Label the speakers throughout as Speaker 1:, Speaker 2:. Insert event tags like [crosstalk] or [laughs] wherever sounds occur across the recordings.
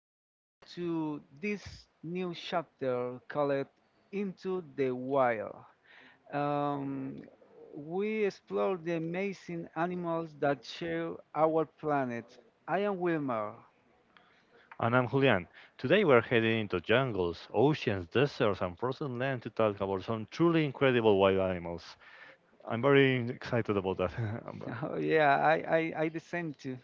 Speaker 1: welcome to this new chapter called Into the Wild. Um, we explore the amazing animals that share our planet. I am Wilmer.
Speaker 2: And I'm Julian. Today we're heading into jungles, oceans, deserts, and frozen land to talk about some truly incredible wild animals. I'm very excited about that, [laughs] Amber.
Speaker 1: [laughs] Oh, yeah, I the same too.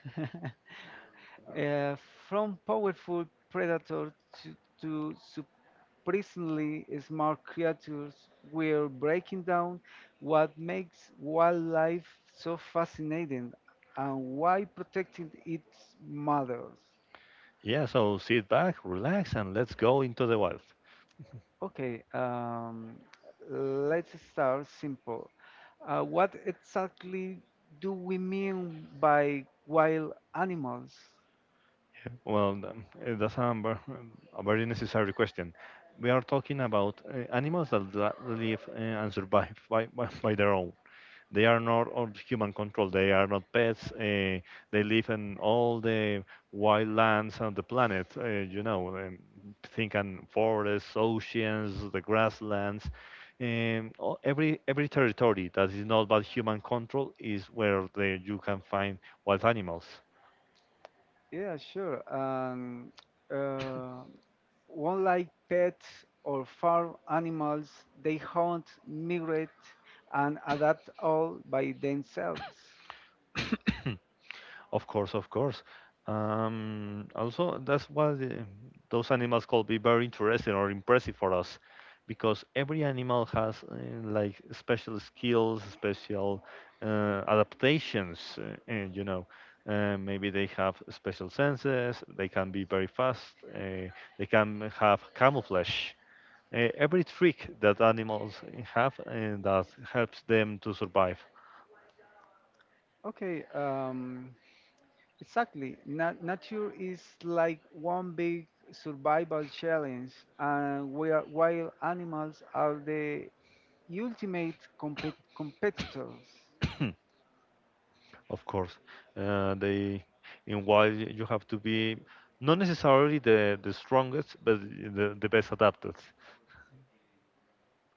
Speaker 1: [laughs] uh, from powerful predators to increasingly smart creatures were breaking down what makes wildlife so fascinating and why protecting it matters.
Speaker 2: Yeah, so sit back, relax, and let's go into the wild.
Speaker 1: Okay, um, let's start simple. What exactly do we mean by wild animals?
Speaker 2: Well, that's Amber, a very necessary question. We are talking about animals that live and survive [laughs] by their own. They are not on human control. They are not pets. They live in all the wild lands on the planet. Think on forests, oceans, the grasslands. Every territory that is not by human control is where you can find wild animals.
Speaker 1: Yeah, sure. Uh, One like pets or farm animals, they hunt, migrate, and adapt all by themselves.
Speaker 2: [coughs] Of course, of course. Also, that's why those animals could be very interesting or impressive for us, because every animal has like special skills, special adaptations. Maybe they have special senses. They can be very fast. They can have camouflage. Every trick that animals have and that helps them to survive.
Speaker 1: Okay, um, exactly. Nature is like one big survival challenge, and we are wild animals are the ultimate competitors.
Speaker 2: [clears throat] Of course, they in while you have to be not necessarily the strongest, but the best adapted.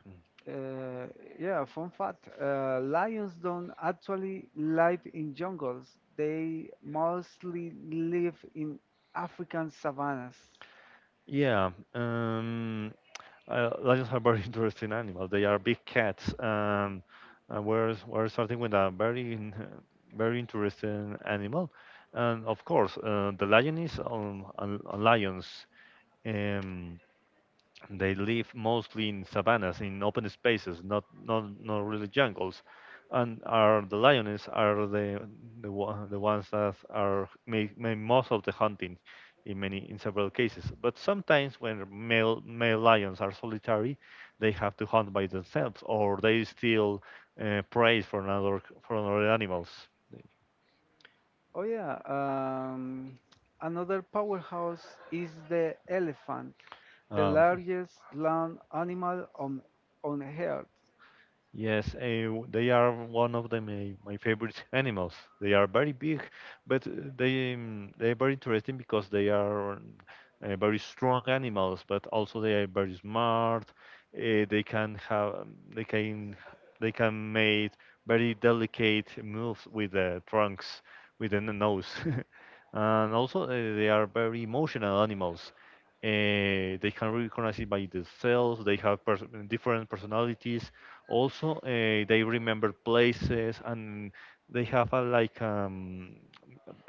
Speaker 2: Mm.
Speaker 1: Uh, yeah, fun fact. Lions don't actually live in jungles. They mostly live in African savannas.
Speaker 2: Yeah, lions are very [laughs] interesting animals. They are big cats, and we're starting with a very interesting animal, and of course, the lion is on lions. Um, They live mostly in savannas, in open spaces, not really jungles. And are the lioness are the ones that are make most of the hunting in several cases. But sometimes when male lions are solitary, they have to hunt by themselves, or they steal prey from other animals.
Speaker 1: Oh, yeah. Another powerhouse is the elephant, the
Speaker 2: Um,
Speaker 1: largest land animal on Earth.
Speaker 2: Yes, they are one of my favorite animals. They are very big, but they are very interesting because they are very strong animals. But also they are very smart. They can have they can They can make very delicate moves with the trunks, with the nose, [laughs] and also they are very emotional animals. They can recognize it by themselves. They have pers different personalities. Also, they remember places and they have a like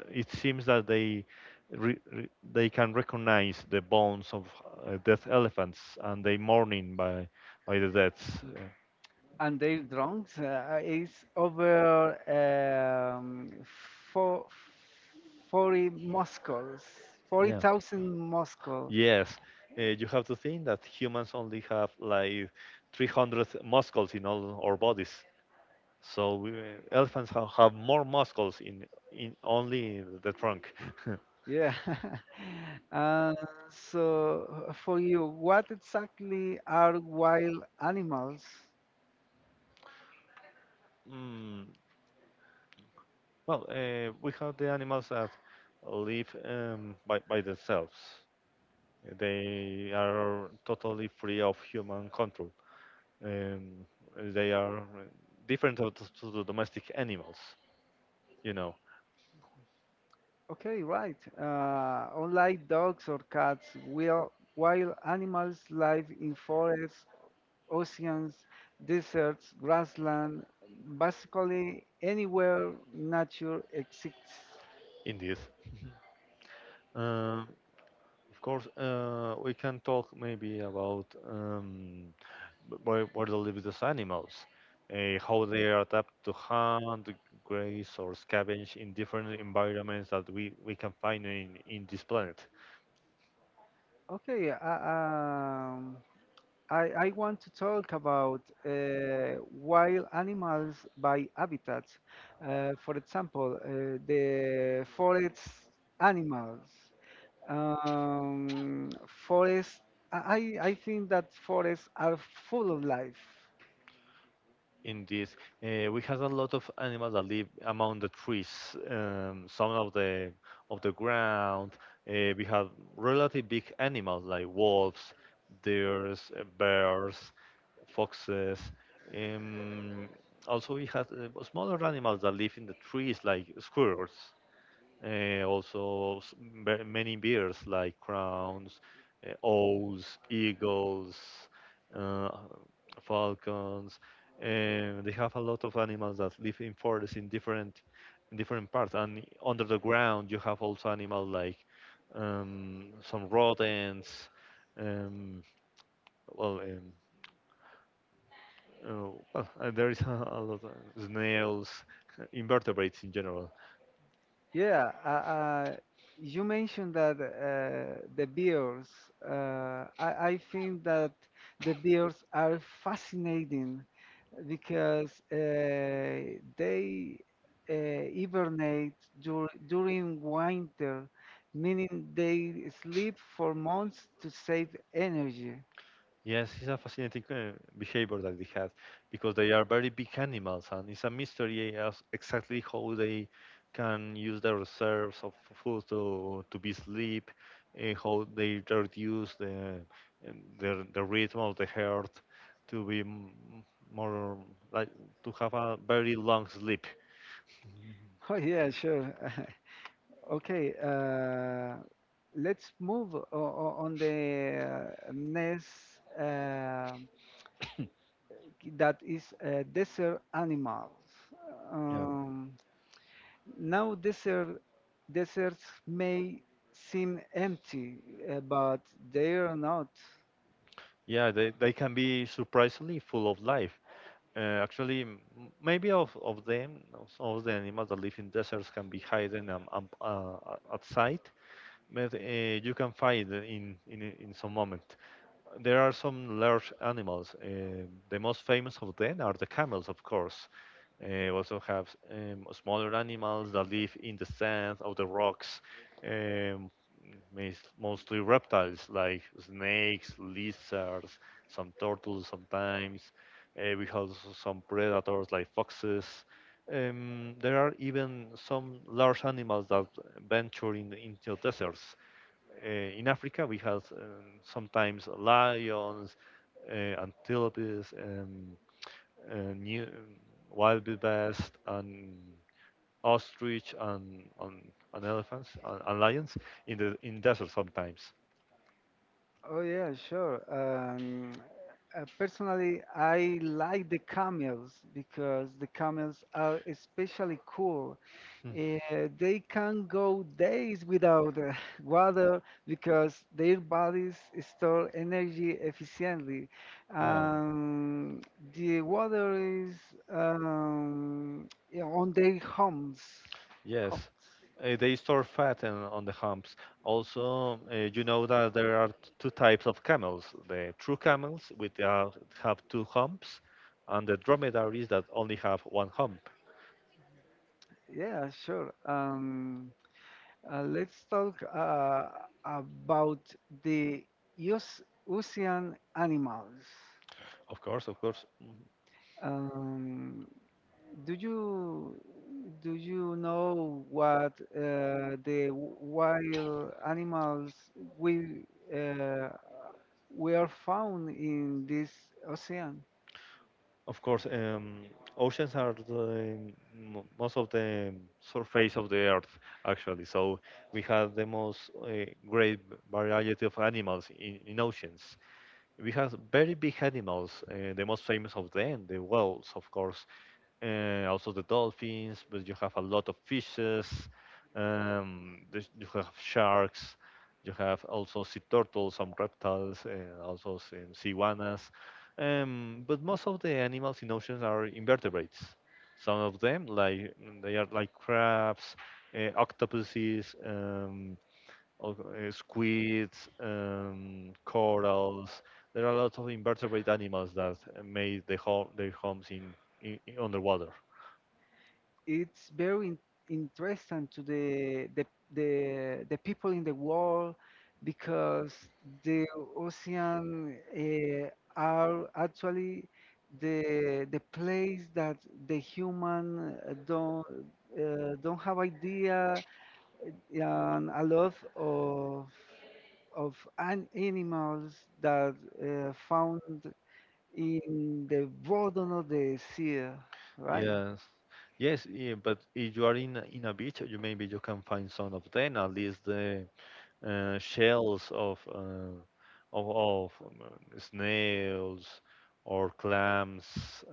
Speaker 2: it seems that re, re, they can recognize the bones of dead elephants and they mourning by the deaths.
Speaker 1: And their drones is over four, 40 Moscows,
Speaker 2: Yeah.
Speaker 1: 40,000 Moscow.
Speaker 2: Yes, you have to think that humans only have like 300 muscles in all our bodies. So we, elephants have more muscles in only the trunk. [laughs]
Speaker 1: Yes. Yeah. [laughs] Uh, for you, what exactly are wild animals?
Speaker 2: Mm, well, we have the animals that live by themselves. They are totally free of human control. Um, they are different to the domestic animals, you know,
Speaker 1: Okay, right. Unlike dogs or cats, will wild animals live in forests, oceans, deserts, grassland, basically anywhere nature exists.
Speaker 2: in this. Um, Of course, we can talk maybe about where they live these animals, how they are adapt to hunt, graze, or scavenge in different environments that we can find in this planet.
Speaker 1: Okay, uh, um, I want to talk about wild animals by habitats. For example, the forest animals. Um, forest, I, I think that forests are full of life.
Speaker 2: In this, we have a lot of animals that live among the trees, some of the ground. We have relatively big animals like wolves, deers, bears, foxes. Um, also, we have smaller animals that live in the trees, like squirrels. Also, many birds like crowns, owls, eagles, uh, falcons. And they have a lot of animals that live in forests in different parts. And under the ground, you have also animals like some rodents. Um, well, um, [laughs] there is [laughs] a lot of snails, [laughs] invertebrates in general.
Speaker 1: Yeah, uh, uh, you mentioned that the beers. I think that the beers are fascinating because they hibernate during winter, meaning they sleep for months to save energy. [laughs]
Speaker 2: Yes, it's a fascinating behavior that they have because they are very big animals, and it's a mystery as exactly how they can use their reserves of food to be sleep, how they reduce the rhythm of the heart to be m- more like to have a very long sleep. [laughs] Mhm.
Speaker 1: Oh, yeah, sure. [laughs] Okay, uh, let's move on the next. um that is desert animals.
Speaker 2: Yeah.
Speaker 1: Um, now deserts may seem empty, but they are not.
Speaker 2: Yeah, they can be surprisingly full of life. Actually, of them, of some of the animals that live in deserts can be hidden at sight, but you can find in some moment. There are some large animals. The most famous of them are the camels, of course. We also have smaller animals that live in the sand or the rocks, um, mostly reptiles like snakes, lizards, some turtles sometimes. We have some predators like foxes. There are even some large animals that venture into deserts. In Africa, we have sometimes lions and antelopes. New Wild best and ostrich and elephants and lions in the in desert sometimes.
Speaker 1: Oh, yeah, sure. Personally, I like the camels because the camels are especially cool.
Speaker 2: Hmm.
Speaker 1: They can go days without [laughs] water because their bodies store energy efficiently.
Speaker 2: Yeah,
Speaker 1: Um, the water is yeah, on their homes. Homes.
Speaker 2: yes. They store fat on the humps. Also, you know that there are two types of camels: the true camels, which are, have two humps, and the dromedaries that only have one hump.
Speaker 1: Yeah, sure. Let's talk about the os- ocean animals.
Speaker 2: Of course, of course.
Speaker 1: Um, Do you do you know what wild animals we uh, we are found in this ocean?
Speaker 2: Of course, oceans are most of the surface of the earth, actually. So we have the most great variety of animals in oceans. We have very big animals. The most famous of them, the whales, of course also the dolphins, but you have a lot of fishes. There's- you have sharks. You have also sea turtles, some reptiles, and also some sea iguanas. But most of the animals in oceans are invertebrates. Some of them, they are like crabs, octopuses, squids, corals. There are a lot of invertebrate animals that made their homes in underwater.
Speaker 1: It's very interesting to the people in the world because the ocean are actually the place that the human don't have idea and a lot of an animals that found in the bottom of the sea, right?
Speaker 2: Yes, yes, yeah, but if you are in a beach, you maybe you can find some of them, at least the shells of of snails or clams.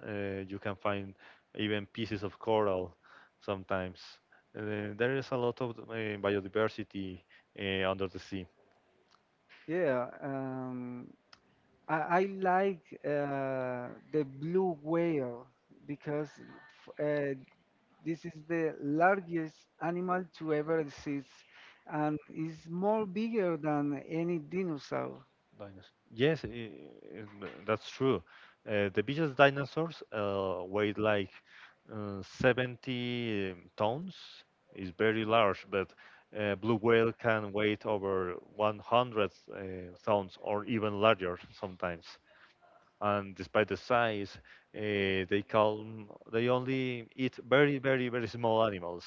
Speaker 2: You can find even pieces of coral sometimes. There is a lot of biodiversity under the sea.
Speaker 1: Yeah, um, I like the blue whale because this is the largest animal to ever exist and is more bigger than any dinosaur.
Speaker 2: Dinosaurs. Yes, that's true. The biggest dinosaurs weighed like 70 tons. Is very large, but blue whale can weigh over 100 tons or even larger sometimes. And despite the size, uh, they calm, they only eat very, very, very small animals.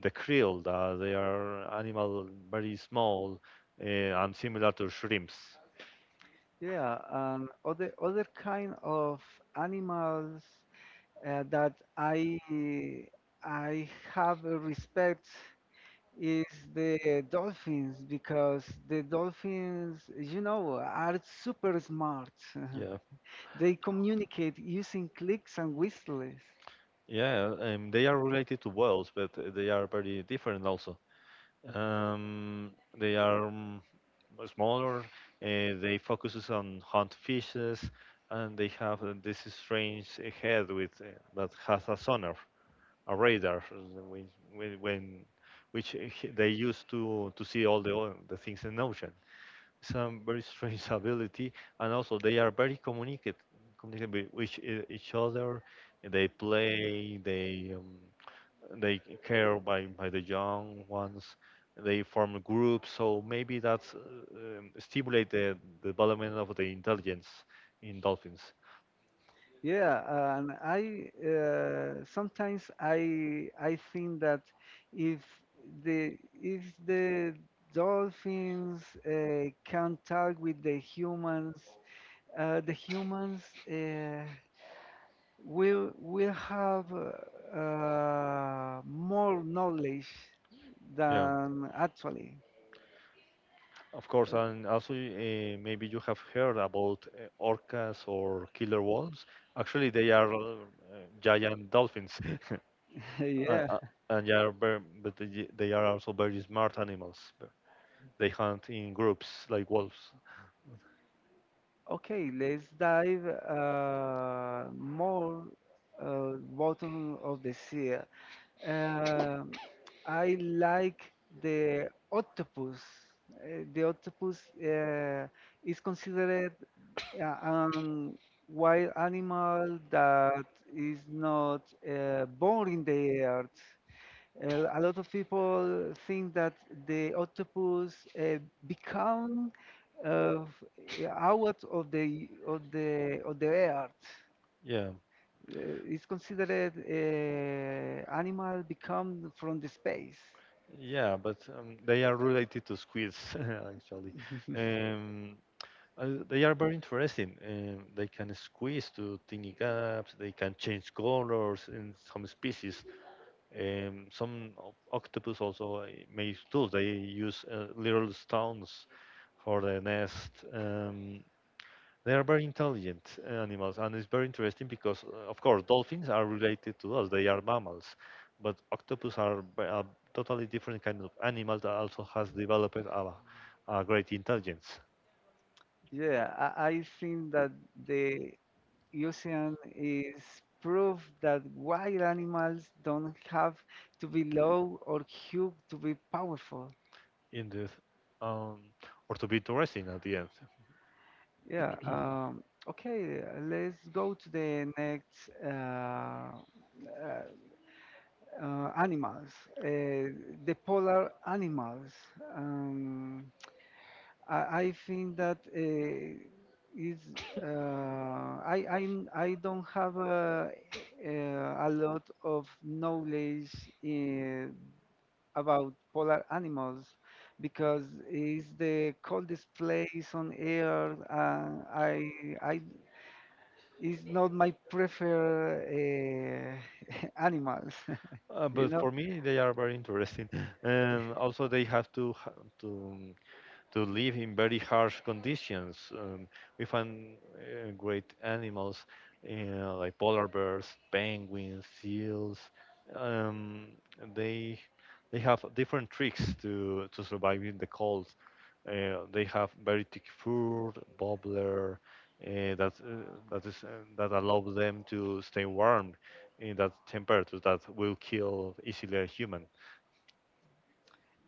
Speaker 2: The krill, they are animal very small and similar to shrimps.
Speaker 1: Yeah, and other kind of animals that I have a respect is the dolphins because the dolphins, you know, are super smart.
Speaker 2: Yeah,
Speaker 1: [laughs] They communicate using clicks and whistles.
Speaker 2: yeah, they are related to whales, but they are very different also. Um, they are smaller. They focuses on hunt fishes, and they have this strange head with that has a sonar, a radar, which when which they use to see all the things in the ocean. Some very strange [laughs] ability, and also they are very communicate with each other. They play, they care by the young ones. They form groups, so maybe that's stimulate the development of the intelligence in dolphins.
Speaker 1: Yeah, and I sometimes I think that if if the dolphins can talk with the humans, uh, the humans. Uh, will have more knowledge
Speaker 2: Yeah,
Speaker 1: than actually.
Speaker 2: of course, and
Speaker 1: Uh,
Speaker 2: also maybe you have heard about orcas or killer whales. Actually, they are giant dolphins. [laughs] Uh,
Speaker 1: [laughs] yeah.
Speaker 2: uh, and they are very, but they are also very smart animals. But they hunt in groups like wolves.
Speaker 1: Okay, let's dive more bottom of the sea. Um, I like the octopus. The octopus is considered uh, um, wild animal that is not born in the earth. A lot of people think that the octopus become of, out of the earth
Speaker 2: Yeah,
Speaker 1: uh, is considered animal become from the space.
Speaker 2: yeah, but they are related to squids [laughs] actually. Um, they are very interesting. They can squeeze to tiny gaps. They can change colors in some species. Some octopus also make tools. They use little stones for the nest. They are very intelligent animals, and it's very interesting because, of course, dolphins are related to us. They are mammals, but octopus are a totally different kind of animal that also has developed a great intelligence
Speaker 1: I think that the ocean is proof that wild animals don't have to be low or huge to be powerful.
Speaker 2: in this, um, or to be interesting at the end.
Speaker 1: Yeah. Okay, let's go to the next animals. Uh, the polar animals. Um, I, I think that is uh, I, I I don't have a lot of knowledge uh, about polar animals because it's the coldest place on Earth. And I it's not my preferred [laughs] animals, [laughs] you
Speaker 2: But
Speaker 1: know.
Speaker 2: for me, they are very interesting. [laughs] Also, they have to live in very harsh conditions. We find great animals like polar bears, penguins, seals. Um, they they have different tricks to survive in the cold. They have very thick fur, bubbler, that allows them to stay warm in that temperature that will kill easily a human.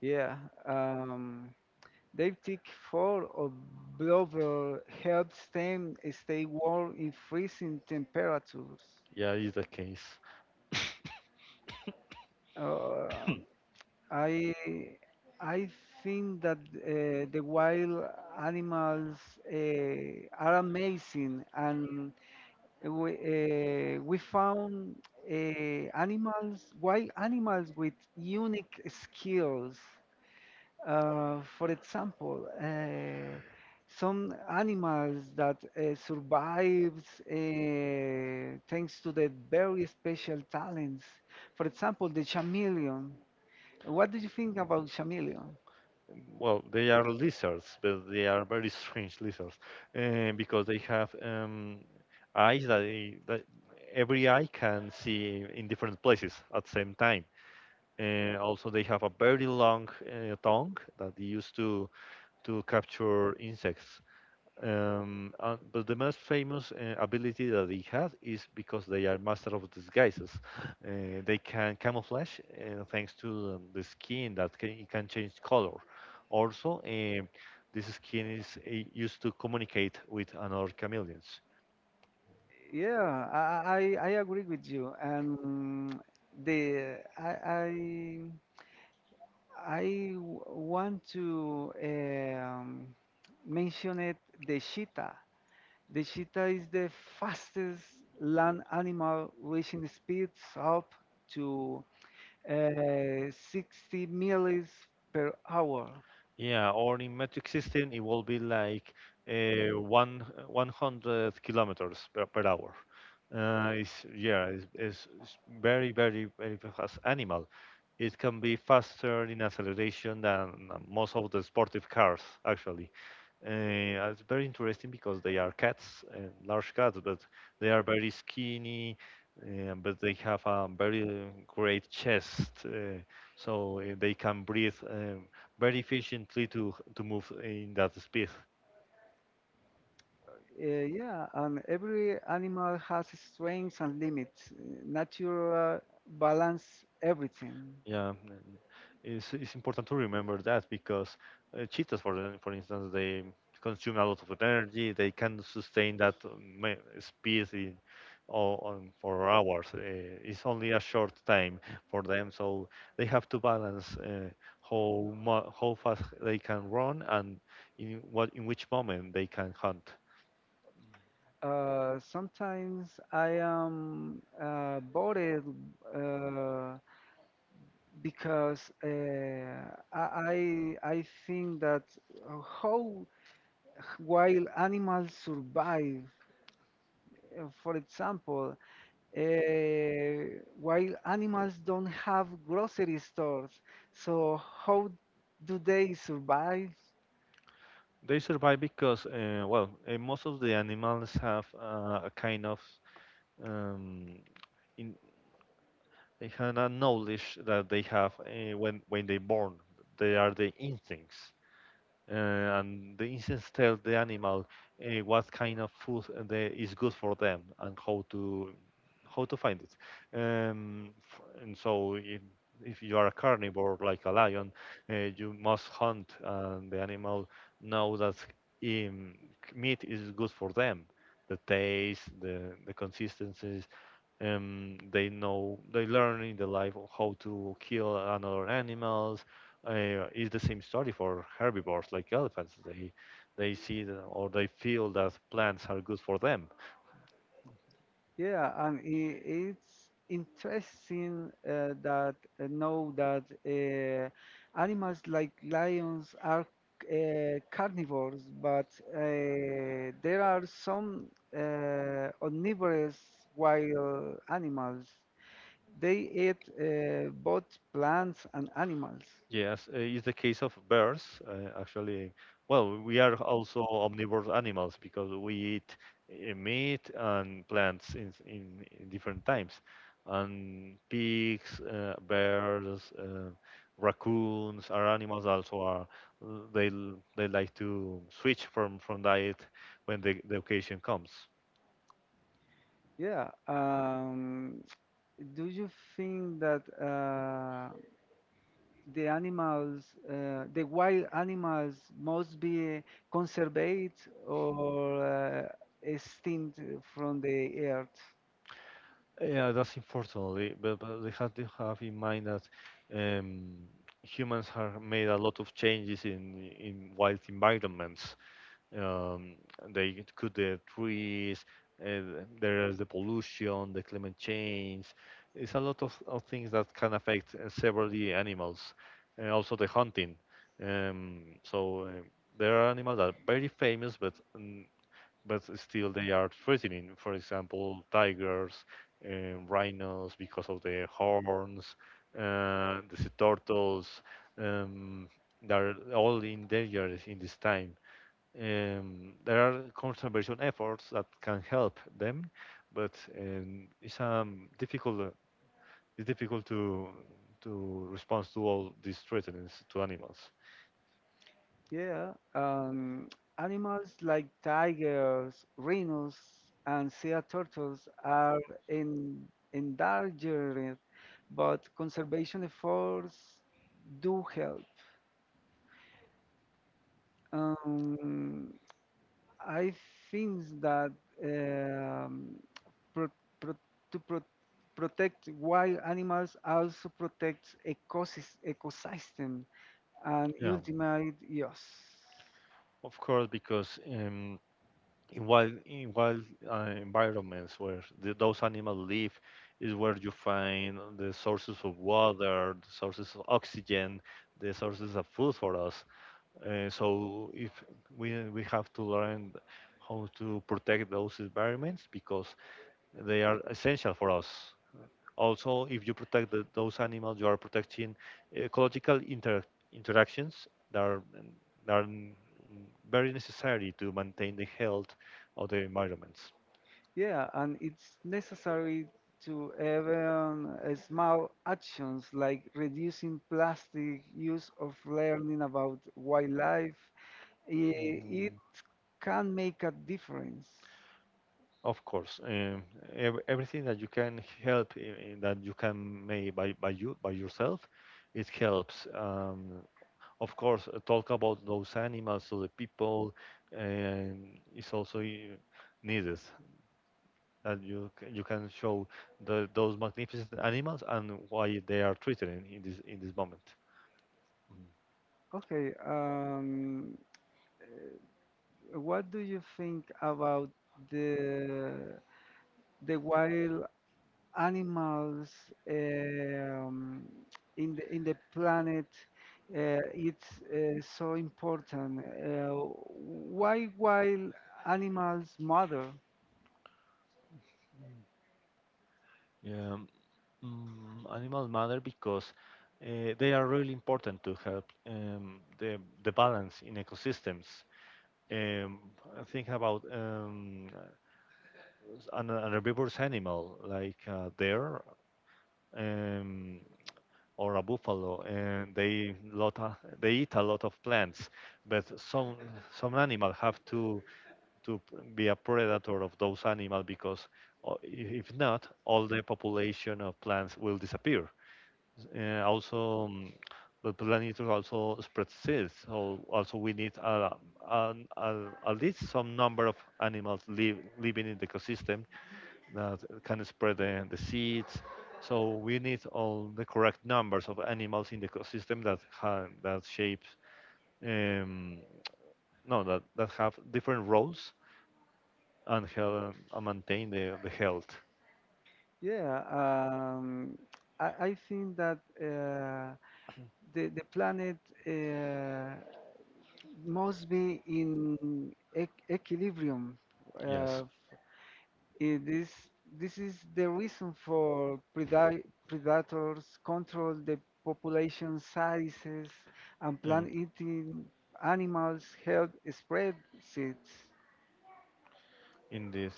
Speaker 1: Yeah. Um, They take four or blubber help them stay warm in freezing temperatures.
Speaker 2: Yeah, is the case.
Speaker 1: Uh, I I think that the wild animals uh, are amazing, and we found uh, wild animals with unique skills. For example, some animals that survives thanks to their very special talents. For example, the chameleon. What do you think about chameleon?
Speaker 2: Well, they are lizards, but they are very strange lizards, because they have eyes that every eye can see in different places at the same time. And also, they have a very long tongue that they use to capture insects. But the most famous ability that they have is because they are master of disguises. They can camouflage thanks to the skin that it can change color. Also, this skin is used to communicate with another chameleons.
Speaker 1: Yeah, I agree with you. And the I I, I w- want to mention it the cheetah. The cheetah is the fastest land animal, reaching speeds up to 60 miles per hour.
Speaker 2: Yeah, or in metric system, it will be like one 100 kilometers per hour. It's, yeah, it's very fast animal. It can be faster in acceleration than most of the sportive cars, actually. It's very interesting because they are cats, large cats, but they are very skinny, but they have a very great chest, so they can breathe very efficiently to move in that speed.
Speaker 1: Yeah, and every animal has strengths and limits. Nature balance everything.
Speaker 2: Yeah, and it's important to remember that because cheetahs, for instance, they consume a lot of energy. They can sustain that speed on for hours. It's only a short time for them, so they have to balance how fast they can run and in which moment they can hunt.
Speaker 1: Sometimes I am bored uh, because I think that how while animals survive. For example, uh, while animals don't have grocery stores, so how do they survive?
Speaker 2: They survive because, most of the animals have a kind of um, in they have a knowledge that they have when they born. They are the instincts and the insects tell the animal what kind of food is good for them and how to find it. F- and So, if you are a carnivore like a lion, you must hunt, and the animal know that um, meat is good for them. The taste, the consistency, they know they learn in the life of how to kill another animals. It's the same story for herbivores like elephants. They see the, or they feel that plants are good for them.
Speaker 1: Yeah, and it's interesting that know that animals like lions are carnivores, but there are some omnivorous wild animals. They eat both plants and animals.
Speaker 2: Yes, it's the case of bears. Actually, well, we are also omnivore animals because we eat meat and plants in different times. And pigs, bears, raccoons are animals also are they like to switch from diet when the occasion comes.
Speaker 1: Yeah. Do you think that the animals, the wild animals, must be conserved or extinct from the earth?
Speaker 2: Yeah, that's unfortunately, but they have to have in mind that um, humans have made a lot of changes in wild environments. Um, they cut the trees, there is the pollution, the climate change. It's a lot of things that can affect severely animals, and also the hunting. Um, so uh, there are animals that are very famous, but still they are threatening. For example, tigers and rhinos because of their horns, the sea turtles. Um, they're all endangered in this time. There are conservation efforts that can help them, but it's difficult. It's difficult to respond to all these threats to animals.
Speaker 1: Yeah, um, Animals like tigers, rhinos, and sea turtles are in, endangered, but conservation efforts do help. Um, I think that um, pro pro to pro protect wild animals also protects ecosystem and
Speaker 2: Yeah.
Speaker 1: ultimate use.
Speaker 2: Of course, because in wild environments where those animals live is where you find the sources of water, the sources of oxygen, the sources of food for us. So if we have to learn how to protect those environments because they are essential for us. Also, if you protect those animals, you are protecting ecological interactions that are very necessary to maintain the health of the environments.
Speaker 1: Yeah, and it's necessary to even small actions like reducing plastic use of learning about wildlife. i- It can make a difference.
Speaker 2: Of course, ev everything that you can help that you can make by yourself, it helps. Of course, talk about those animals to the people is also needed. And you can show those magnificent animals and why they are treated in this moment.
Speaker 1: Okay, um, what do you think about the the wild animals um, in the planet it's so important. Why wild animals matter?
Speaker 2: Mhm. Animals matter because they are really important to help the balance in ecosystems. Um, I think about an herbivorous animal like a deer um, or a buffalo, and they eat a lot of plants, but some animal have to be a predator of those animals because uh, if not, all the population of plants will disappear. Also, the planet will also spread seeds. So also we need a, at least some number of animals live, living in the ecosystem that can spread the seeds. So we need all the correct numbers of animals in the ecosystem that shapes um, no that, that have different roles and help and maintain the health.
Speaker 1: Yeah, um, I think that the planet uh, must be in equilibrium. Uh,
Speaker 2: Yes.
Speaker 1: Eh, this this is the reason for predators control the population sizes and
Speaker 2: um,
Speaker 1: plant-eating animals help spread seeds.
Speaker 2: in this.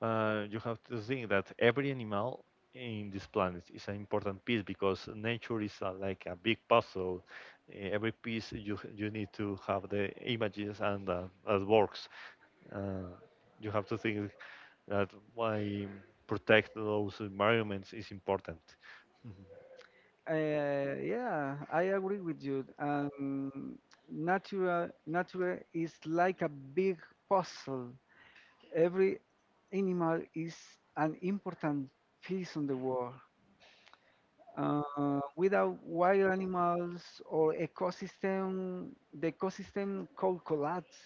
Speaker 2: You have to think that every animal in this planet is an important piece because nature is like a big puzzle. Every piece you need to have the images and that works. Uh, you have to think that why protect those environments is important.
Speaker 1: Yeah, I agree with you. Nature is like a big puzzle. Every animal is an important piece on the world. Without wild animals or ecosystem, the ecosystem could collapse.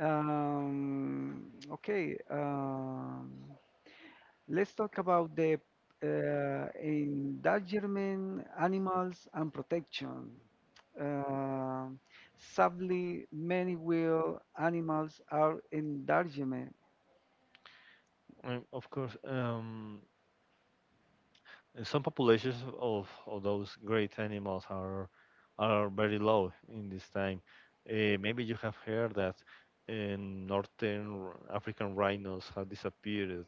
Speaker 1: Um, okay, um, let's talk about the endangerment, animals, and protection. Uh, Sadly, many wild animals are endangered.
Speaker 2: And of course, and some populations of those great animals are very low in this time. Maybe you have heard that in northern African rhinos have disappeared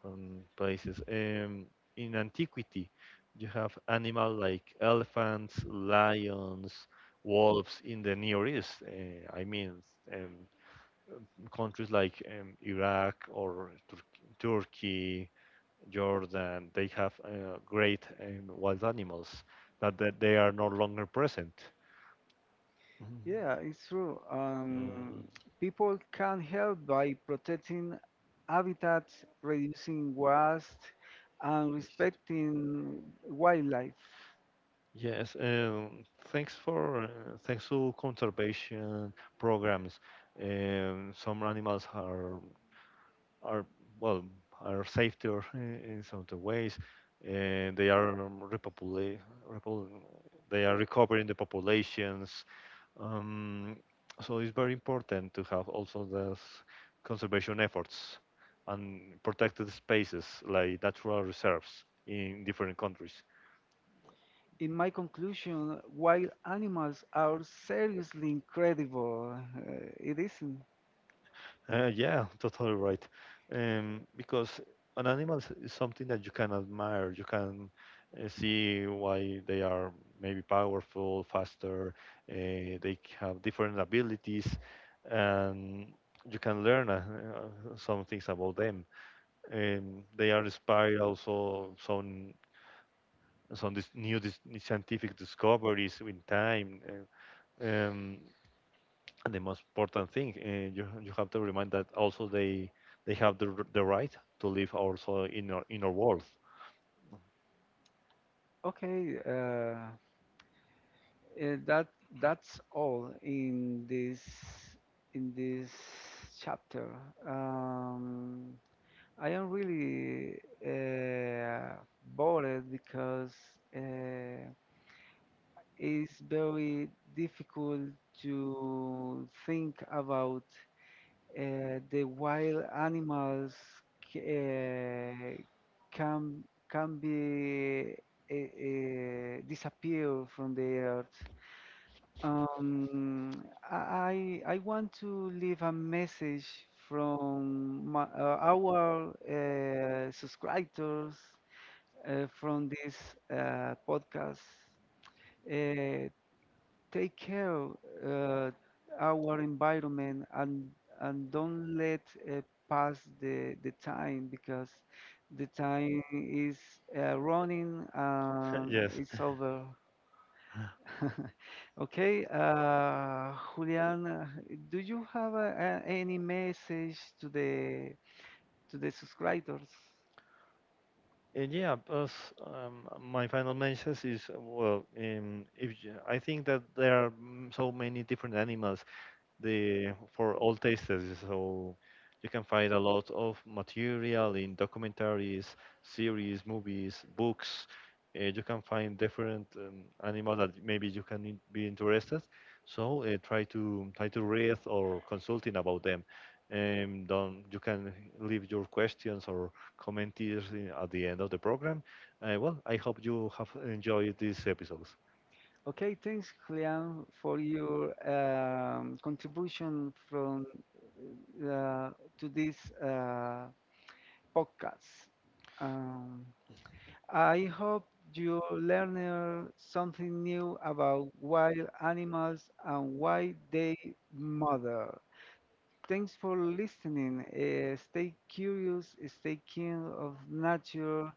Speaker 2: from places. In antiquity, you have animals like elephants, lions, wolves in the Near East. I mean, um, countries like Iraq or Turkey, Jordan, they have great wild animals that they are no longer present.
Speaker 1: Yeah,
Speaker 2: Mhm.
Speaker 1: it's true.
Speaker 2: Mm,
Speaker 1: People can help by protecting habitats, reducing waste, and
Speaker 2: yes.
Speaker 1: respecting wildlife.
Speaker 2: Yes, thanks to conservation programs, some animals are well are safer in some other ways, and they are repopulate, repopul they are recovering the populations. Um, so it's very important to have also those conservation efforts and protected spaces like natural reserves in different countries.
Speaker 1: In my conclusion, wild animals are seriously incredible. It isn't.
Speaker 2: Yeah, [laughs] totally right. Because an animal is something that you can admire. You can see why they are maybe powerful, faster. They have different abilities, and you can learn some things about them. And they are inspired also some scientific discoveries in time. Um, and the most important thing, you you have to remind that also they have the right to live also in our world.
Speaker 1: Okay, uh, eh, that that's all in this chapter. Um, I am really uh, bothered because uh, it's very difficult to think about the wild animals c- uh, can can be disappear from the earth. Um, I want to leave a message from our subscribers from this podcast. Uh, Take care uh, our environment and don't let pass the time because the time is running
Speaker 2: [laughs]
Speaker 1: and
Speaker 2: Yes.
Speaker 1: it's over. [laughs] Okay, Julian, do you have any message to the subscribers?
Speaker 2: And yeah, plus my final message is well, if you, I think that there are so many different animals the for all tastes. So you can find a lot of material in documentaries, series, movies, books. You can find different animal that maybe you can be interested. So try to read or consulting about them. Don't, You can leave your questions or comments at the end of the program. Well, I hope you have enjoyed these episodes.
Speaker 1: Okay, thanks, Julian, for your contribution from uh, to this podcast. Um, I hope you learn something new about wild animals and why they matter. Thanks for listening. Stay curious, stay keen of nature,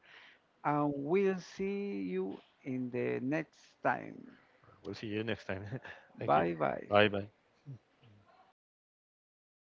Speaker 1: and we'll see you in the next time.
Speaker 2: We'll see you next time. [laughs] Thank you.
Speaker 1: Bye bye.
Speaker 2: Bye bye.